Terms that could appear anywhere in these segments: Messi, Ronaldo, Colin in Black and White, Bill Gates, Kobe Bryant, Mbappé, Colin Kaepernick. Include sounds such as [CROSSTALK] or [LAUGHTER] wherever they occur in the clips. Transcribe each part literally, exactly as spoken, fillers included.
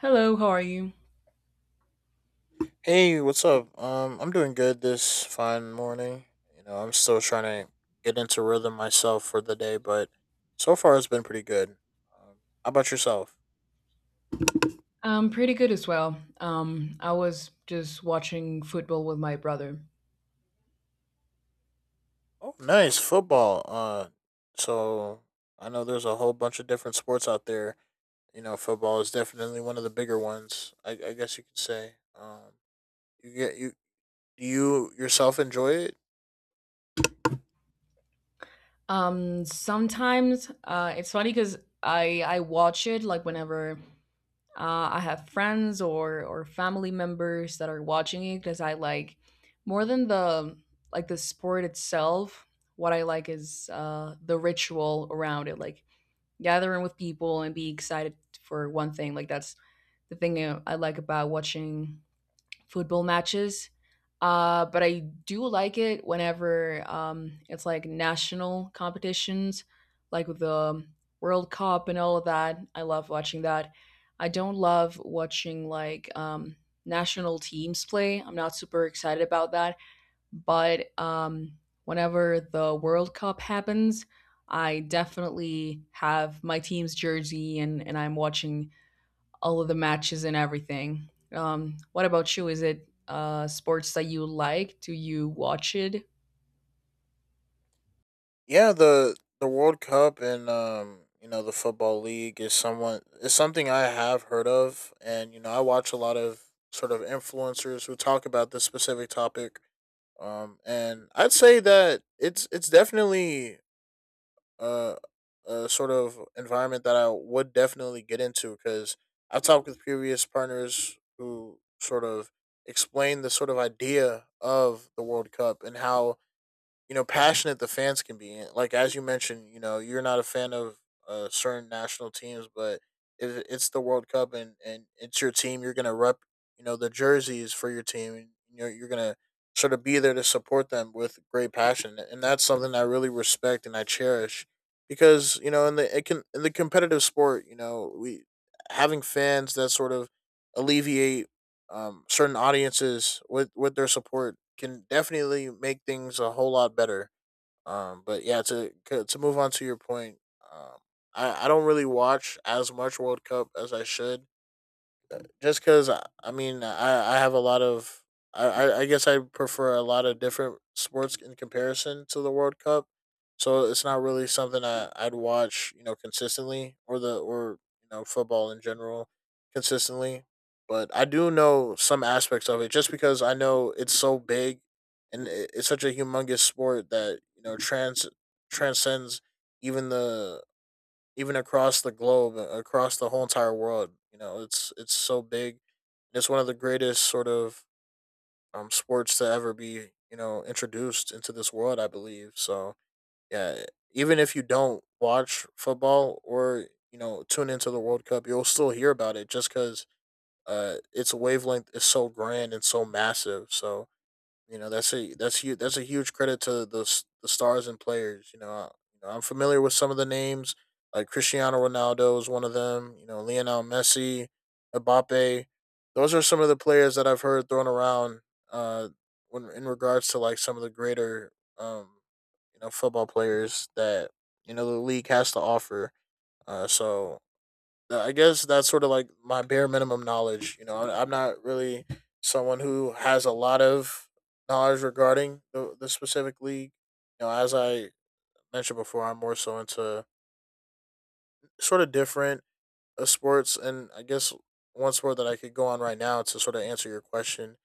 Hello, how are you? Hey, what's up? Um, I'm doing good this fine morning. You know, I'm still trying to get into rhythm myself for the day, but so far it's been pretty good. Um, how about yourself? I'm pretty good as well. Um, I was just watching football with my brother. Oh, nice football. Uh, so I know there's a whole bunch of different sports out there. You know, football is definitely one of the bigger ones, I, I guess you could say. Um, you get you do you yourself enjoy it? Um, sometimes uh, it's funny because I I watch it like whenever uh, I have friends or or family members that are watching it because I like more than the like the sport itself. What I like is uh, the ritual around it, like gathering with people and be excited for one thing. Like that's the thing uh, I like about watching football matches. Uh, but I do like it whenever um, it's like national competitions, like with the World Cup and all of that. I love watching that. I don't love watching like um, national teams play. I'm not super excited about that. But um, whenever the World Cup happens, I definitely have my team's jersey and, and I'm watching all of the matches and everything. Um, what about you? Is it uh, sports that you like? Do you watch it? Yeah, the the World Cup and um, you know, the football league is somewhat is something I have heard of, and you know, I watch a lot of sort of influencers who talk about this specific topic. Um and I'd say that it's it's definitely a a sort of environment that I would definitely get into, cuz I've talked with previous partners who sort of explain the sort of idea of the World Cup and how, you know, passionate the fans can be. And like as you mentioned, you know, you're not a fan of uh, certain national teams, but it, it's the World Cup and and it's your team. You're gonna rep, you know, the jerseys for your team, and you're you're gonna sort of be there to support them with great passion, and that's something I really respect and I cherish, because you know in the it can in the competitive sport, you know, we having fans that sort of alleviate um, certain audiences with with their support can definitely make things a whole lot better. Um, but yeah, to c- to move on to your point, um, I I don't really watch as much World Cup as I should, just because I mean I I have a lot of I I I guess I prefer a lot of different sports in comparison to the World Cup, so it's not really something I I'd watch, you know, consistently, or the or you know, football in general consistently. But I do know some aspects of it, just because I know it's so big and it- it's such a humongous sport that, you know, trans transcends even the even across the globe, uh, across the whole entire world. You know, it's it's so big. It's one of the greatest sort of um, sports to ever be, you know, introduced into this world, I believe so. Yeah, even if you don't watch football or you know tune into the World Cup, you'll still hear about it just because uh, its wavelength is so grand and so massive. So you know, that's a that's huge. That's a huge credit to the s- the stars and players. You know, I, you know, I'm familiar with some of the names like Cristiano Ronaldo is one of them. You know, Lionel Messi, Mbappe. Those are some of the players that I've heard thrown around. Uh, when in regards to like some of the greater, um, you know, football players that, you know, the league has to offer. Uh, so uh, I guess that's sort of like my bare minimum knowledge. You know, I- am not really someone who has a lot of knowledge regarding the, the specific league. You know, as I mentioned before, I'm more so into sort of different uh, sports, and I guess one sport that I could go on right now to sort of answer your question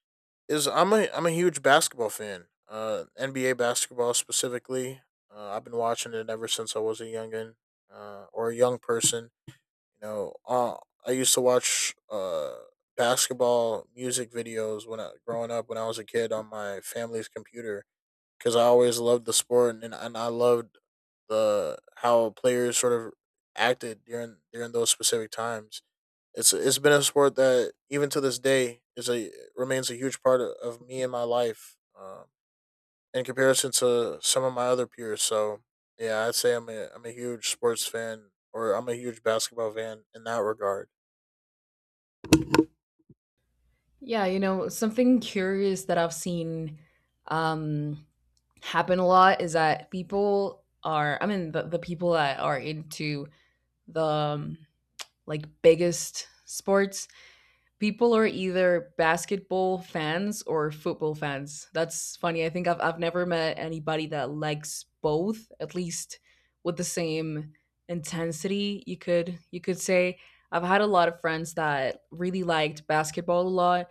is I'm a I'm a huge basketball fan. Uh, N B A basketball specifically. Uh, I've been watching it ever since I was a youngin, uh, or a young person, you know, uh, I used to watch uh basketball music videos when I growing up when I was a kid on my family's computer, because I always loved the sport and and I loved the how players sort of acted during during those specific times. It's it's been a sport that even to this day is a remains a huge part of, of me and my life. Um, in comparison to some of my other peers, so yeah, I'd say I'm a I'm a huge sports fan, or I'm a huge basketball fan in that regard. Yeah, you know, something curious that I've seen um, happen a lot is that people are, I mean, the, the people that are into the, um, like biggest sports people are either basketball fans or football fans. That's funny. i think i've, I've never met anybody that likes both, at least with the same intensity, you could you could say. I've had a lot of friends that really liked basketball a lot,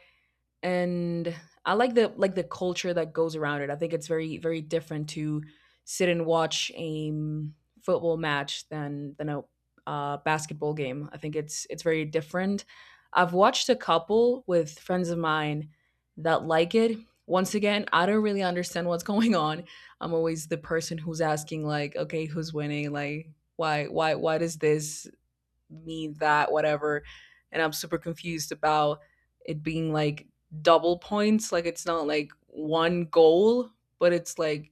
and I like the like the culture that goes around it. I think it's very very different to sit and watch a um, football match than than a uh, basketball game. I think it's it's very different. I've watched a couple with friends of mine that like it. Once again, I don't really understand what's [LAUGHS] going on. I'm always the person who's asking like, okay, who's winning? Like, why why why does this me that whatever, and I'm super confused about it being like double points, like it's not like one goal, but it's like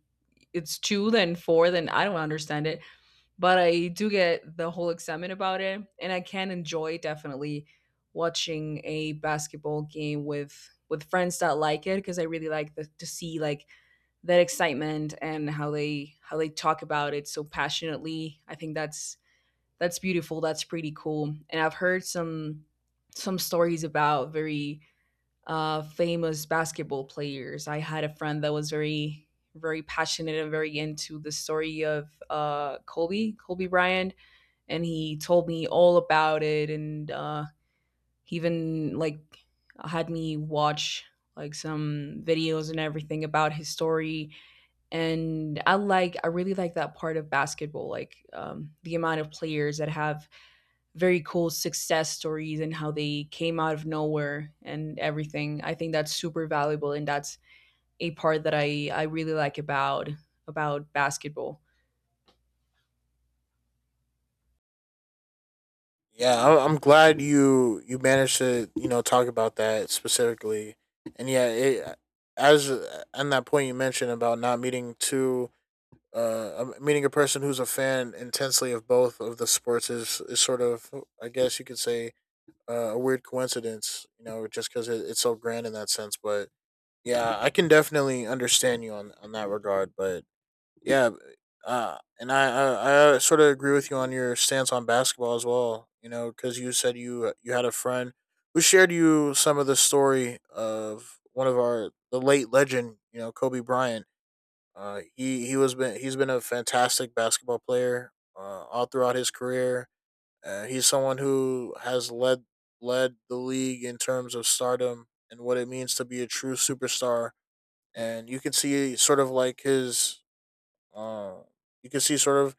it's two, then four, then I don't understand it. But I do get the whole excitement about it, and I can enjoy definitely watching a basketball game with with friends that like it, because I really like the, to see like that excitement and how they how they talk about it so passionately. I think that's that's beautiful. That's pretty cool. And I've heard some some stories about very uh, famous basketball players. I had a friend that was very very passionate and very into the story of uh, Kobe Kobe Bryant, and he told me all about it, and uh, he even like had me watch like some videos and everything about his story. And I like I really like that part of basketball, like um, the amount of players that have very cool success stories and how they came out of nowhere and everything. I think that's super valuable, and that's a part that I I really like about about basketball. Yeah, I- I'm glad you you managed to, you know, talk about that specifically, and yeah, it, as uh, on that point you mentioned about not meeting two, uh, um, meeting a person who's a fan intensely of both of the sports is is sort of, I guess you could say, uh, a weird coincidence, you know, just because it, it's so grand in that sense. But yeah, I can definitely understand you on on that regard. But yeah, uh, and I, I I sort of agree with you on your stance on basketball as well. You know, because you said you uh, you had a friend who shared you some of the story of one of our the late legend. You know, Kobe Bryant. Uh, he he was been he's been a fantastic basketball player uh, all throughout his career. Uh, he's someone who has led led the league in terms of stardom and what it means to be a true superstar. And you can see sort of like his uh, you can see sort of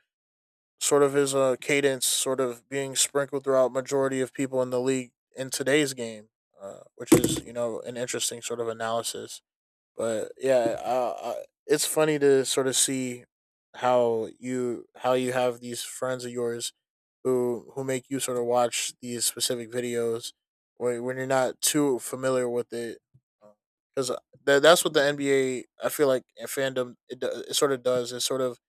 sort of his uh, cadence sort of being sprinkled throughout majority of people in the league in today's game, uh, which is, you know, an interesting sort of analysis. But yeah, uh, uh, it's funny to sort of see how you how you have these friends of yours who who make you sort of watch these specific videos when when you're not too familiar with it, because that that's what the N B A, I feel like in fandom it, do- it sort of does it sort of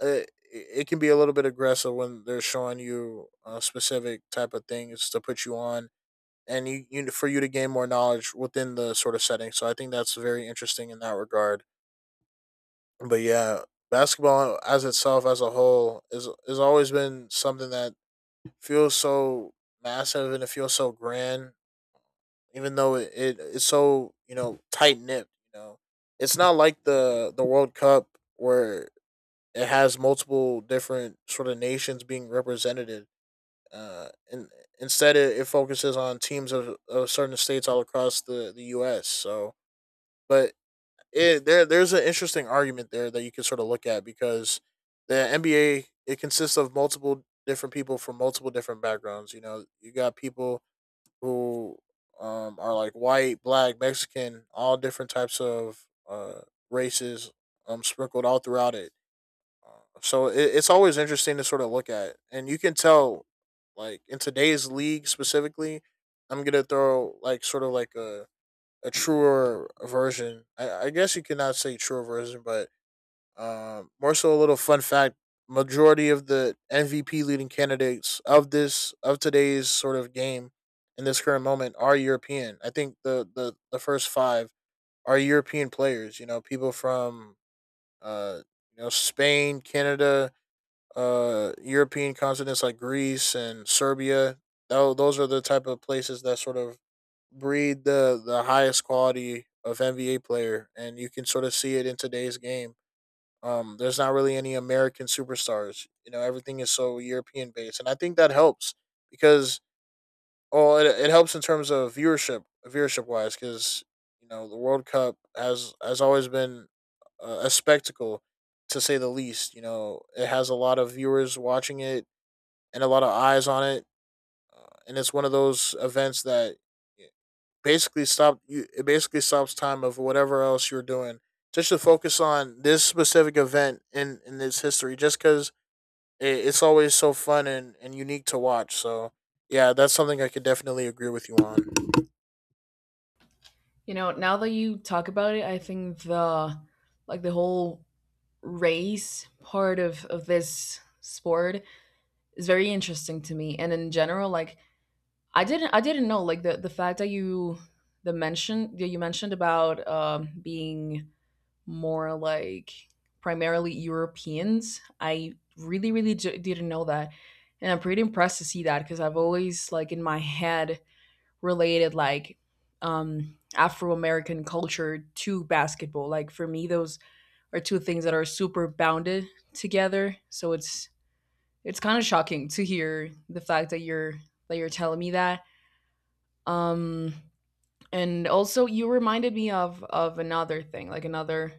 it it can be a little bit aggressive when they're showing you a specific type of things to put you on and you, you for you to gain more knowledge within the sort of setting, so I think that's very interesting in that regard. But yeah, basketball as itself as a whole is has always been something that feels so massive, and it feels so grand, even though it, it it's so, you know, tight nipped, you know, it's not like the the world cup where it has multiple different sort of nations being represented. Uh, and instead, it, it focuses on teams of, of certain states all across the, the U S. So, but it, there there's an interesting argument there that you can sort of look at, because the N B A it consists of multiple different people from multiple different backgrounds. You know, you got people who um, are like white, black, Mexican, all different types of uh, races, um, sprinkled all throughout it. So it, it's always interesting to sort of look at, and you can tell, like in today's league specifically, I'm gonna throw like sort of like a a truer version. I, I guess you cannot say truer version, but um, more so a little fun fact. Majority of the M V P leading candidates of this of today's sort of game in this current moment are European. I think the the the first five are European players. You know, people from uh you know Spain, Canada, uh, European continents like Greece and Serbia. Tho- Those are the type of places that sort of breed the the highest quality of N B A player, and you can sort of see it in today's game. Um, there's not really any American superstars. You know, everything is so European based, and I think that helps because well, it, it helps in terms of viewership, viewership wise, because you know the World Cup has has always been a, a spectacle, to say the least. You know, it has a lot of viewers watching it and a lot of eyes on it, and it's one of those events that eh, basically stop you. It basically stops time of whatever else you're doing, just to focus on this specific event in in its history, just because it, it's always so fun and and unique to watch. So yeah, that's something I could definitely agree with you on. You know, now that you talk about it, I think the like the whole race part of of this sport is very interesting to me. And in general, like I didn't I didn't know like the the fact that you the mention that you mentioned about um being more like primarily Europeans. I really, really j- didn't know that. And I'm pretty impressed to see that, because I've always, like, in my head related, like, um, Afro American culture to basketball. Like, for me, those are two things that are super bounded together. So it's, it's kind of shocking to hear the fact that you're that you're telling me that. Um and also, you reminded me of of another thing, like another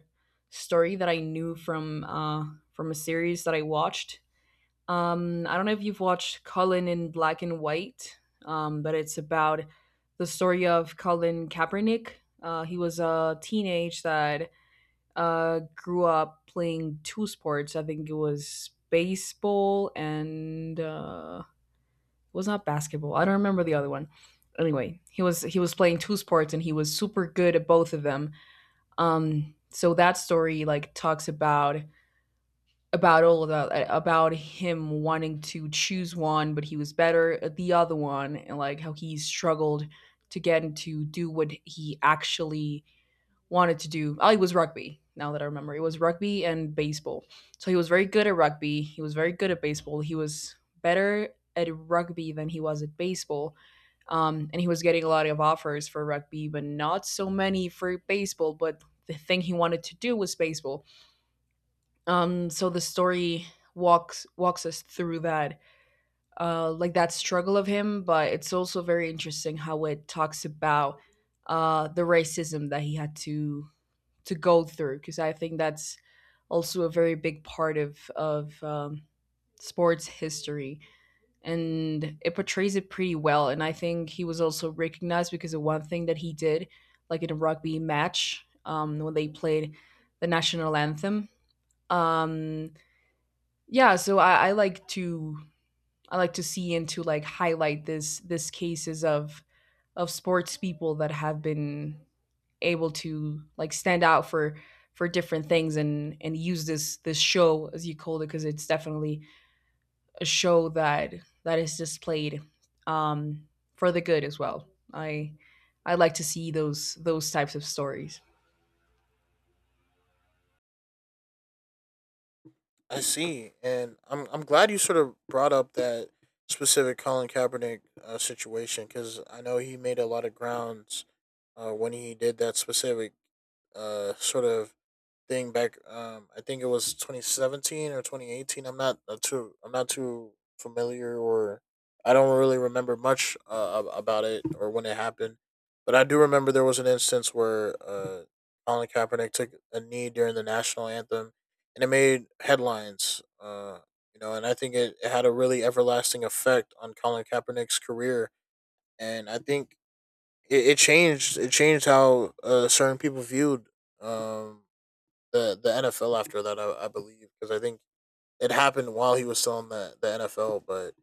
story that I knew from uh, from a series that I watched. Um, I don't know if you've watched Colin in Black and White, um, but it's about the story of Colin Kaepernick. Uh, he was a teenage that uh, grew up playing two sports. I think it was baseball and uh, it was not basketball. I don't remember the other one. Anyway, he was he was playing two sports, and he was super good at both of them. Um, so that story like talks about about all of that, about him wanting to choose one, but he was better at the other one, and like how he struggled to get into do what he actually wanted to do. Oh, it was rugby. Now that I remember, it was rugby and baseball. So he was very good at rugby, he was very good at baseball. He was better at rugby than he was at baseball. Um, and he was getting a lot of offers for rugby, but not so many for baseball. But the thing he wanted to do was baseball. Um, so the story walks walks us through that, uh, like that struggle of him. But it's also very interesting how it talks about uh, the racism that he had to to go through, because I think that's also a very big part of of um, sports history, and it portrays it pretty well. And I think he was also recognized because of one thing that he did, like in a rugby match um, when they played the national anthem. Um, yeah, so I, I like to I like to see and to like highlight this this cases of of sports people that have been able to like stand out for for different things, and and use this this show, as you called it, because it's definitely a show that that is displayed um for the good as well. i I like to see those those types of stories. I see, and I'm I'm glad you sort of brought up that specific Colin Kaepernick uh, situation, because I know he made a lot of grounds uh, when he did that specific uh, sort of thing back. Um, I think it was twenty seventeen or twenty eighteen. I'm not uh, too. I'm not too familiar, or I don't really remember much uh, ab- about it or when it happened. But I do remember there was an instance where uh, Colin Kaepernick took a knee during the national anthem, and it made headlines. Uh, you know, and I think it, it had a really everlasting effect on Colin Kaepernick's career. And I think it, it changed. It changed how uh, certain people viewed. Um, the the N F L after that, I, I believe, because I think it happened while he was still in the the N F L. But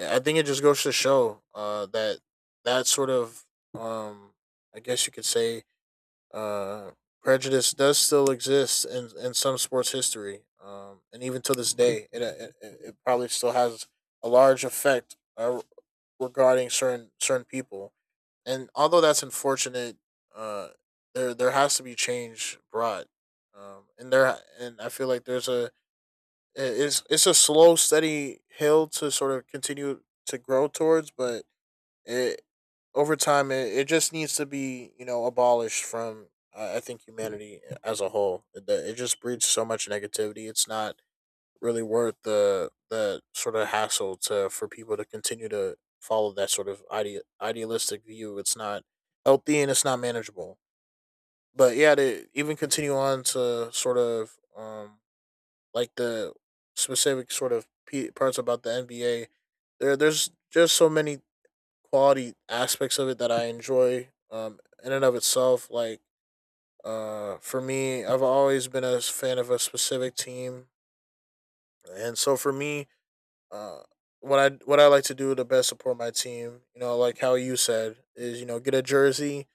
I think it just goes to show uh, that that sort of um, I guess you could say uh, prejudice does still exist in in some sports history, um, and even to this day, it it, it probably still has a large effect uh, regarding certain certain people, and although that's unfortunate, uh, there there has to be change brought, um, and there and I feel like there's a it's it's a slow, steady hill to sort of continue to grow towards. But it over time it, it just needs to be you know abolished from I I think humanity as a whole. It, it just breeds so much negativity. It's not really worth the the sort of hassle to for people to continue to follow that sort of ide- idealistic view. It's not healthy, and it's not manageable. But yeah, to even continue on to sort of um like the specific sort of p- parts about the N B A, there there's just so many quality aspects of it that I enjoy um in and of itself. Like uh for me, I've always been a fan of a specific team, and so for me, Uh, what I what I like to do to best support my team, you know, like how you said, is you know get a jersey,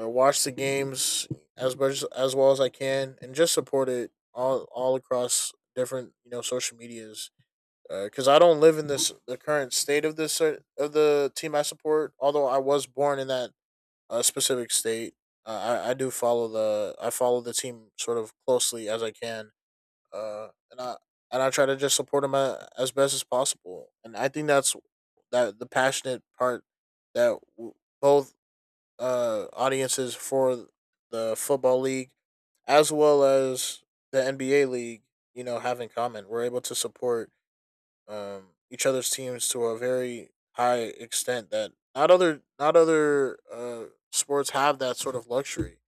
uh, watch the games as much as well as I can, and just support it all all across different you know social medias. Because I don't live in this the current state of this cer- of the team I support, although I was born in that uh, specific state. Uh, I I do follow the I follow the team sort of closely as I can, uh, and I and I try to just support them a, as best as possible. And I think that's that the passionate part that w- both uh audiences for the football league as well as the N B A league, you know, have in common. We're able to support um, each other's teams to a very high extent that not other not other uh, sports have that sort of luxury,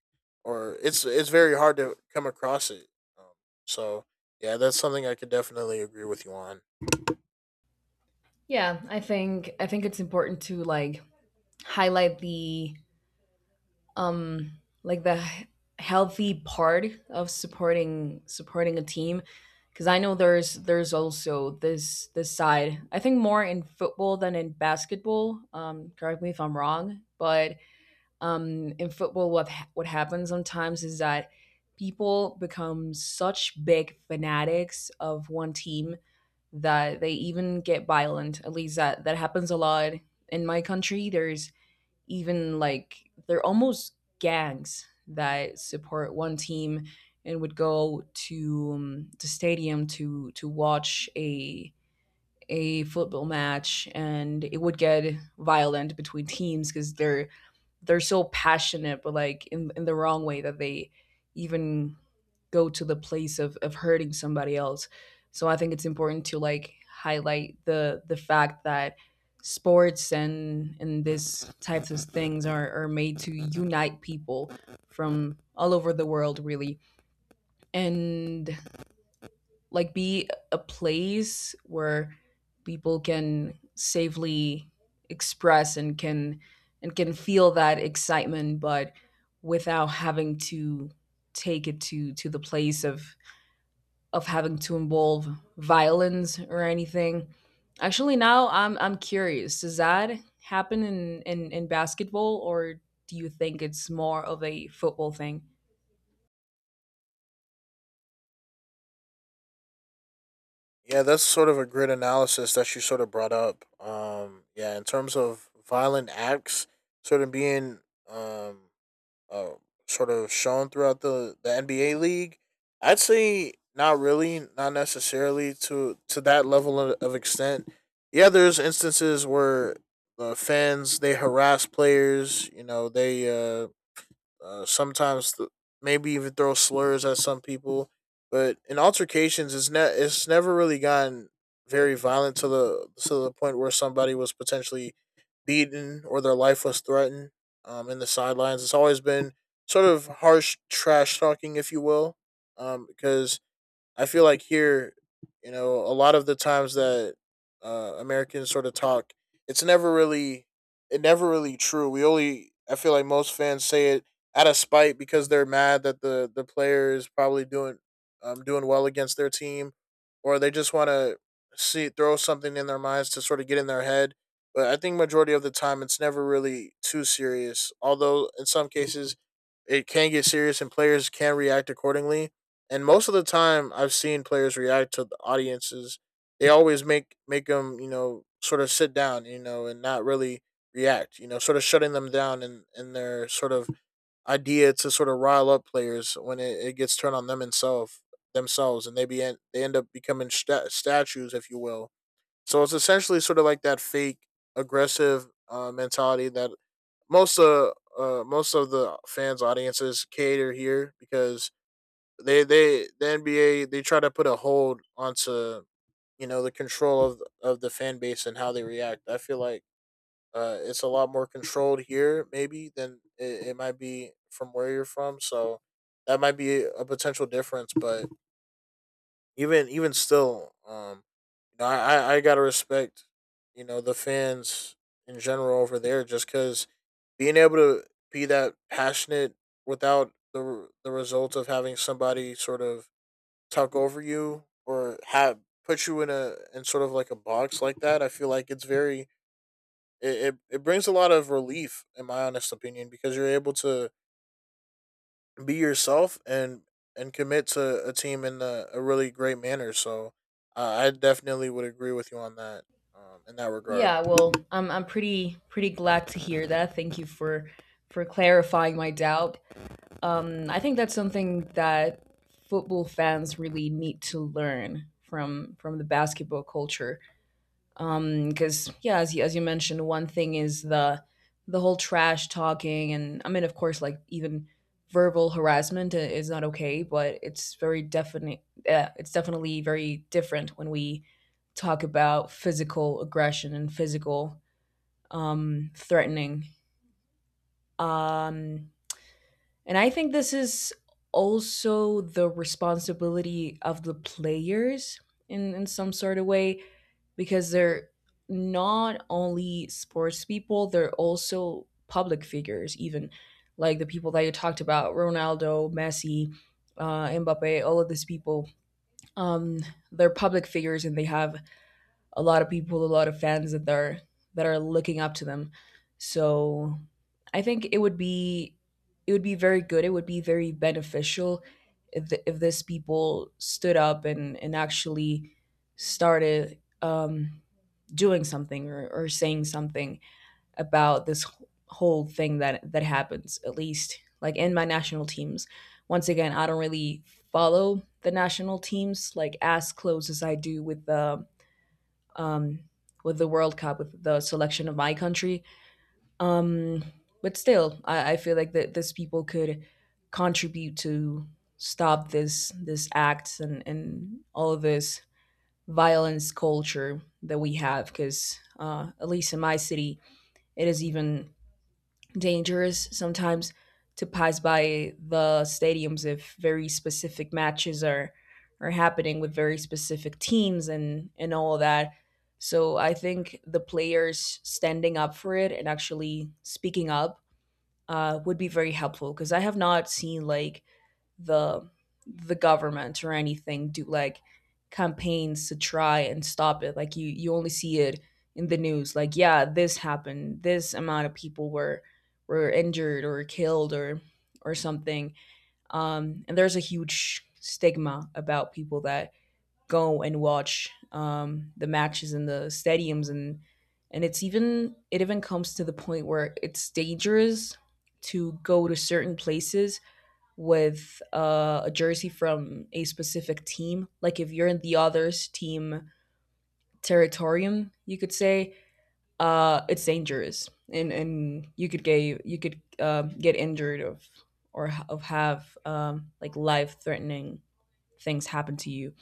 or it's it's very hard to come across it. Um, so yeah, that's something I could definitely agree with you on. Yeah, I think I think it's important to like highlight the um like the he- healthy part of supporting supporting a team, because I know there's there's also this this side. I think more in football than in basketball. Um, correct me if I'm wrong, but um, in football, what ha- what happens sometimes is that people become such big fanatics of one team that they even get violent. At least that that happens a lot in my country. There's even like they're almost gangs that support one team and would go to um, the stadium to to watch a a football match, and it would get violent between teams because they're they're so passionate, but like in in the wrong way, that they even go to the place of of hurting somebody else. So I think it's important to like highlight the the fact that sports and and these types of things are are made to unite people from all over the world, really, and like be a place where people can safely express, and can and can feel that excitement, but without having to take it to to the place of of having to involve violence or anything. Actually, now i'm I'm curious, does that happen in in, in basketball, or do you think it's more of a football thing? Yeah, that's sort of a great analysis that you sort of brought up. Um, yeah, in terms of violent acts sort of being um uh, sort of shown throughout the, the N B A league. I'd say not really, not necessarily to to that level of, of extent. Yeah, there's instances where the fans, they harass players. You know, they uh, uh, sometimes th- maybe even throw slurs at some people. But in altercations, it's ne- it's never really gotten very violent to the to the point where somebody was potentially beaten or their life was threatened. Um, in the sidelines, it's always been sort of harsh trash talking, if you will, um, because I feel like here, you know, a lot of the times that uh, Americans sort of talk, it's never really, it never really true. We only, I feel like most fans say it out of spite because they're mad that the the player is probably doing, um, doing well against their team, or they just want to see throw something in their minds to sort of get in their head. But I think majority of the time, it's never really too serious. Although in some cases, it can get serious and players can react accordingly, and most of the time I've seen players react to the audiences. They always make make them, you know, sort of sit down, you know, and not really react, you know, sort of shutting them down and in, in their sort of idea to sort of rile up players when it, it gets turned on them themselves themselves, and they be en- they end up becoming sta statues, if you will. So it's essentially sort of like that fake aggressive uh, mentality that most of uh, most of the fans audiences cater here because they they the N B A, they try to put a hold onto you know the control of of the fan base and how they react. I feel like uh, it's a lot more controlled here maybe than it, it might be from where you're from. So that might be a potential difference. But even even still, um, you know, I I, gotta respect you know the fans in general over there just because being able to be that passionate without the the result of having somebody sort of talk over you or have put you in a in sort of like a box like that, I feel like it's very it, it, it brings a lot of relief in my honest opinion because you're able to be yourself and and commit to a team in a, a really great manner. So uh, I definitely would agree with you on that um, in that regard. Yeah, well, I'm I'm pretty pretty glad to hear that. Thank you for for clarifying my doubt. Um, I think that's something that football fans really need to learn from from the basketball culture. Um, because yeah, as you, as you mentioned, one thing is the the whole trash talking, and I mean, of course, like even verbal harassment i- is not okay, but it's very definite. Uh, it's definitely very different when we talk about physical aggression and physical um, threatening. Um, and I think this is also the responsibility of the players in, in some sort of way, because they're not only sports people, they're also public figures, even like the people that you talked about: Ronaldo, Messi, uh, Mbappe, all of these people. Um, they're public figures, and they have a lot of people, a lot of fans that are that are looking up to them. So I think it would be it would be very good. It would be very beneficial if th if this people stood up and and actually started um, doing something, or, or saying something about this wh- whole thing that that happens. At least like in my national teams. Once again, I don't really follow the national teams like as close as I do with the um, with the World Cup, with the selection of my country. Um, but still, I, I feel like that these people could contribute to stop this this acts and and all of this violence culture that we have, because uh, at least in my city, it is even dangerous sometimes to pass by the stadiums if very specific matches are are happening with very specific teams and and all that. So I think the players standing up for it and actually speaking up uh, would be very helpful, because I have not seen like the the government or anything do like campaigns to try and stop it. Like you you only see it in the news. Like yeah, this happened. This amount of people were were injured or killed or or something. Um, and there's a huge stigma about people that go and watch um, the matches in the stadiums, and and it's even it even comes to the point where it's dangerous to go to certain places with uh, a jersey from a specific team. Like if you're in the other's team territorium, you could say uh, it's dangerous, and and you could get you could uh, get injured of or of have um, like life threatening things happen to you.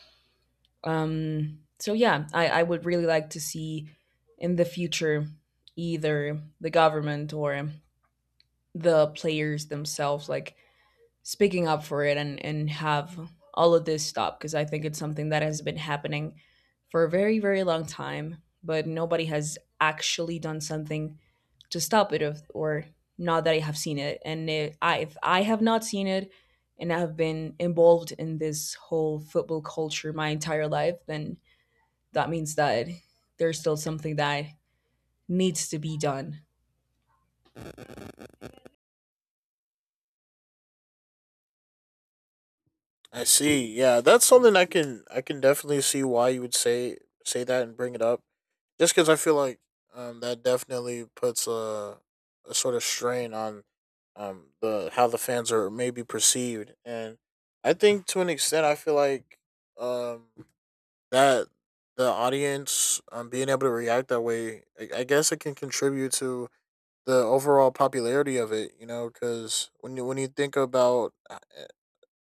Um, so yeah, I, I would really like to see in the future either the government or the players themselves like speaking up for it and and have all of this stop, because I think it's something that has been happening for a very very long time, but nobody has actually done something to stop it of, or not that I have seen it. And if I if I have not seen it, and I have been involved in this whole football culture my entire life, then that means that there's still something that needs to be done. I see, yeah, that's something i can I can definitely see why you would say say that and bring it up. Just because I feel like um, that definitely puts a, a sort of strain on um, the how the fans are maybe perceived, and I think to an extent, I feel like um, that the audience um, being able to react that way, I, I guess it can contribute to the overall popularity of it. You know, because when you when you think about uh,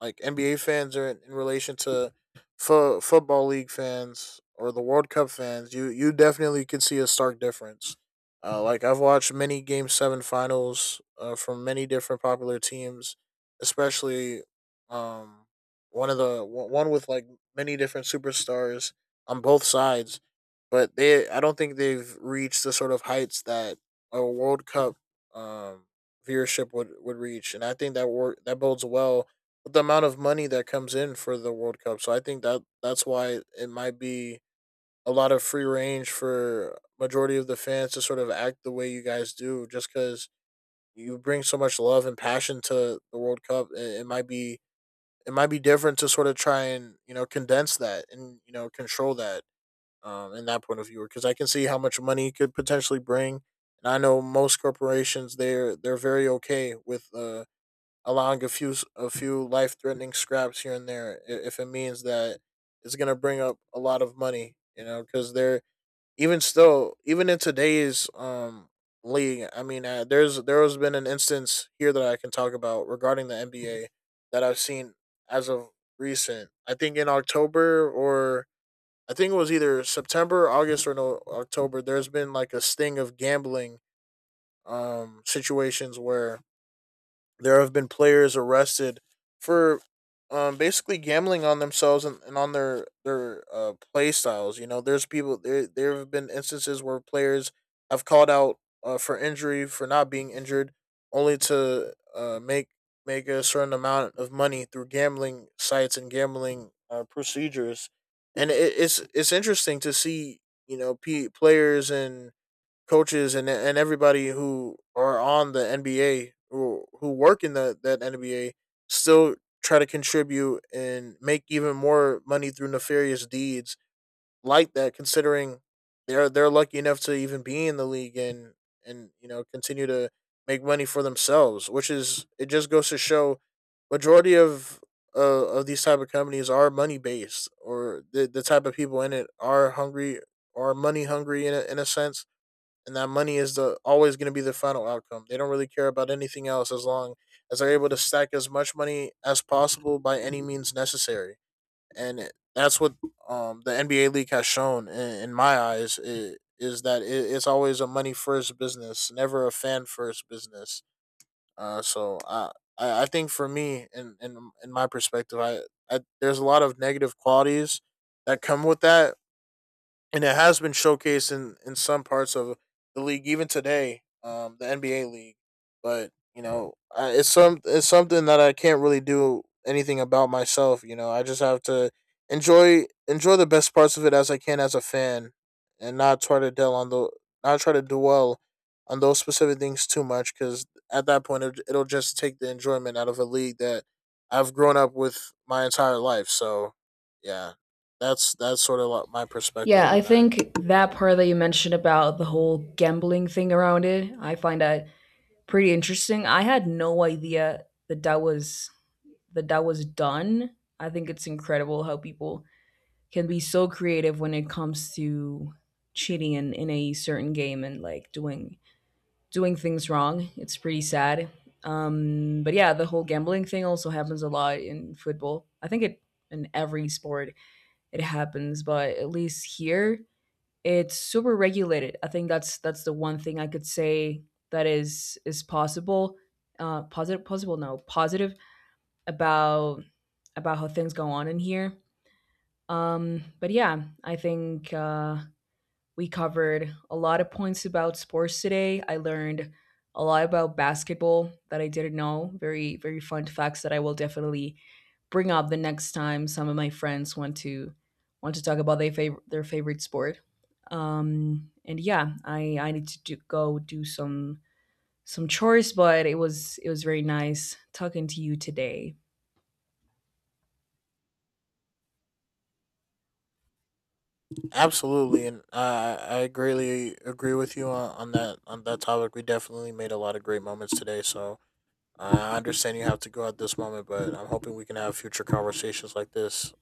like N B A fans are in, in relation to fo- football league fans or the World Cup fans, you you definitely can see a stark difference. Uh, like I've watched many Game Seven finals uh, from many different popular teams, especially um, one of the one one with like many different superstars on both sides. But they, I don't think they've reached the sort of heights that a World Cup um, viewership would, would reach, and I think that work that bodes well, the amount of money that comes in for the World Cup. So I think that that's why it might be a lot of free range for majority of the fans to sort of act the way you guys do, just because you bring so much love and passion to the World Cup. It, it might be it might be different to sort of try and you know condense that and you know control that um, in that point of view, because I can see how much money it could potentially bring. And I know most corporations, they're they're very okay with uh allowing a few a few life threatening scraps here and there, i- if it means that it's gonna bring up a lot of money. You know, because they're even still even in today's um league. I mean, uh, there's there has been an instance here that I can talk about regarding the N B A that I've seen as of recent. I think in October or I think it was either September, August, or no, October. There's been like a sting of gambling um situations where there have been players arrested for um, basically gambling on themselves, and, and on their their uh, play styles. You know, there's people there. There have been instances where players have called out uh, for injury for not being injured, only to uh, make make a certain amount of money through gambling sites and gambling uh, procedures. And it, it's it's interesting to see you know p- players and coaches and and everybody who are on the N B A, who who work in the that N B A still try to contribute and make even more money through nefarious deeds like that, considering they're they're lucky enough to even be in the league and and you know continue to make money for themselves, which is it just goes to show majority of uh, of these type of companies are money based, or the, the type of people in it are hungry, are money hungry in a, in a sense, and that money is the always going to be the final outcome. They don't really care about anything else as long as they're able to stack as much money as possible by any means necessary. And it- that's what um, the N B A league has shown in, in my eyes, i- is that it, it's always a money first business, never a fan first business. Uh, so I, I I think for me in, in, in my perspective, I, I there's a lot of negative qualities that come with that, and it has been showcased in, in some parts of the league, even today, um, the N B A league. But you know, I, it's some it's something that I can't really do anything about myself. You know, I just have to enjoy enjoy the best parts of it as I can as a fan, and not try to dwell on the not try to dwell on those specific things too much, because at that point it, it'll just take the enjoyment out of a league that I've grown up with my entire life. So yeah. That's that's sort of like my perspective Yeah, I on that. think that part that you mentioned about the whole gambling thing around it, I find that pretty interesting. I had no idea that that was that that was done. I think it's incredible how people can be so creative when it comes to cheating in, in a certain game, and like doing doing things wrong. It's pretty sad. Um, but yeah, the whole gambling thing also happens a lot in football. I think it in every sport it happens, but at least here it's super regulated. I think that's that's the one thing I could say that is is possible, uh, positive, possible, no, positive about about how things go on in here. Um, but yeah, I think uh, we covered a lot of points about sports today. I learned a lot about basketball that I didn't know. Very very fun facts that I will definitely bring up the next time some of my friends want to want to talk about their favorite their favorite sport. Um, and yeah, I I need to do, go do some some chores, but it was it was very nice talking to you today. Absolutely, and I I greatly agree with you on, on that on that topic. We definitely made a lot of great moments today. So I understand you have to go at this moment, but I'm hoping we can have future conversations like this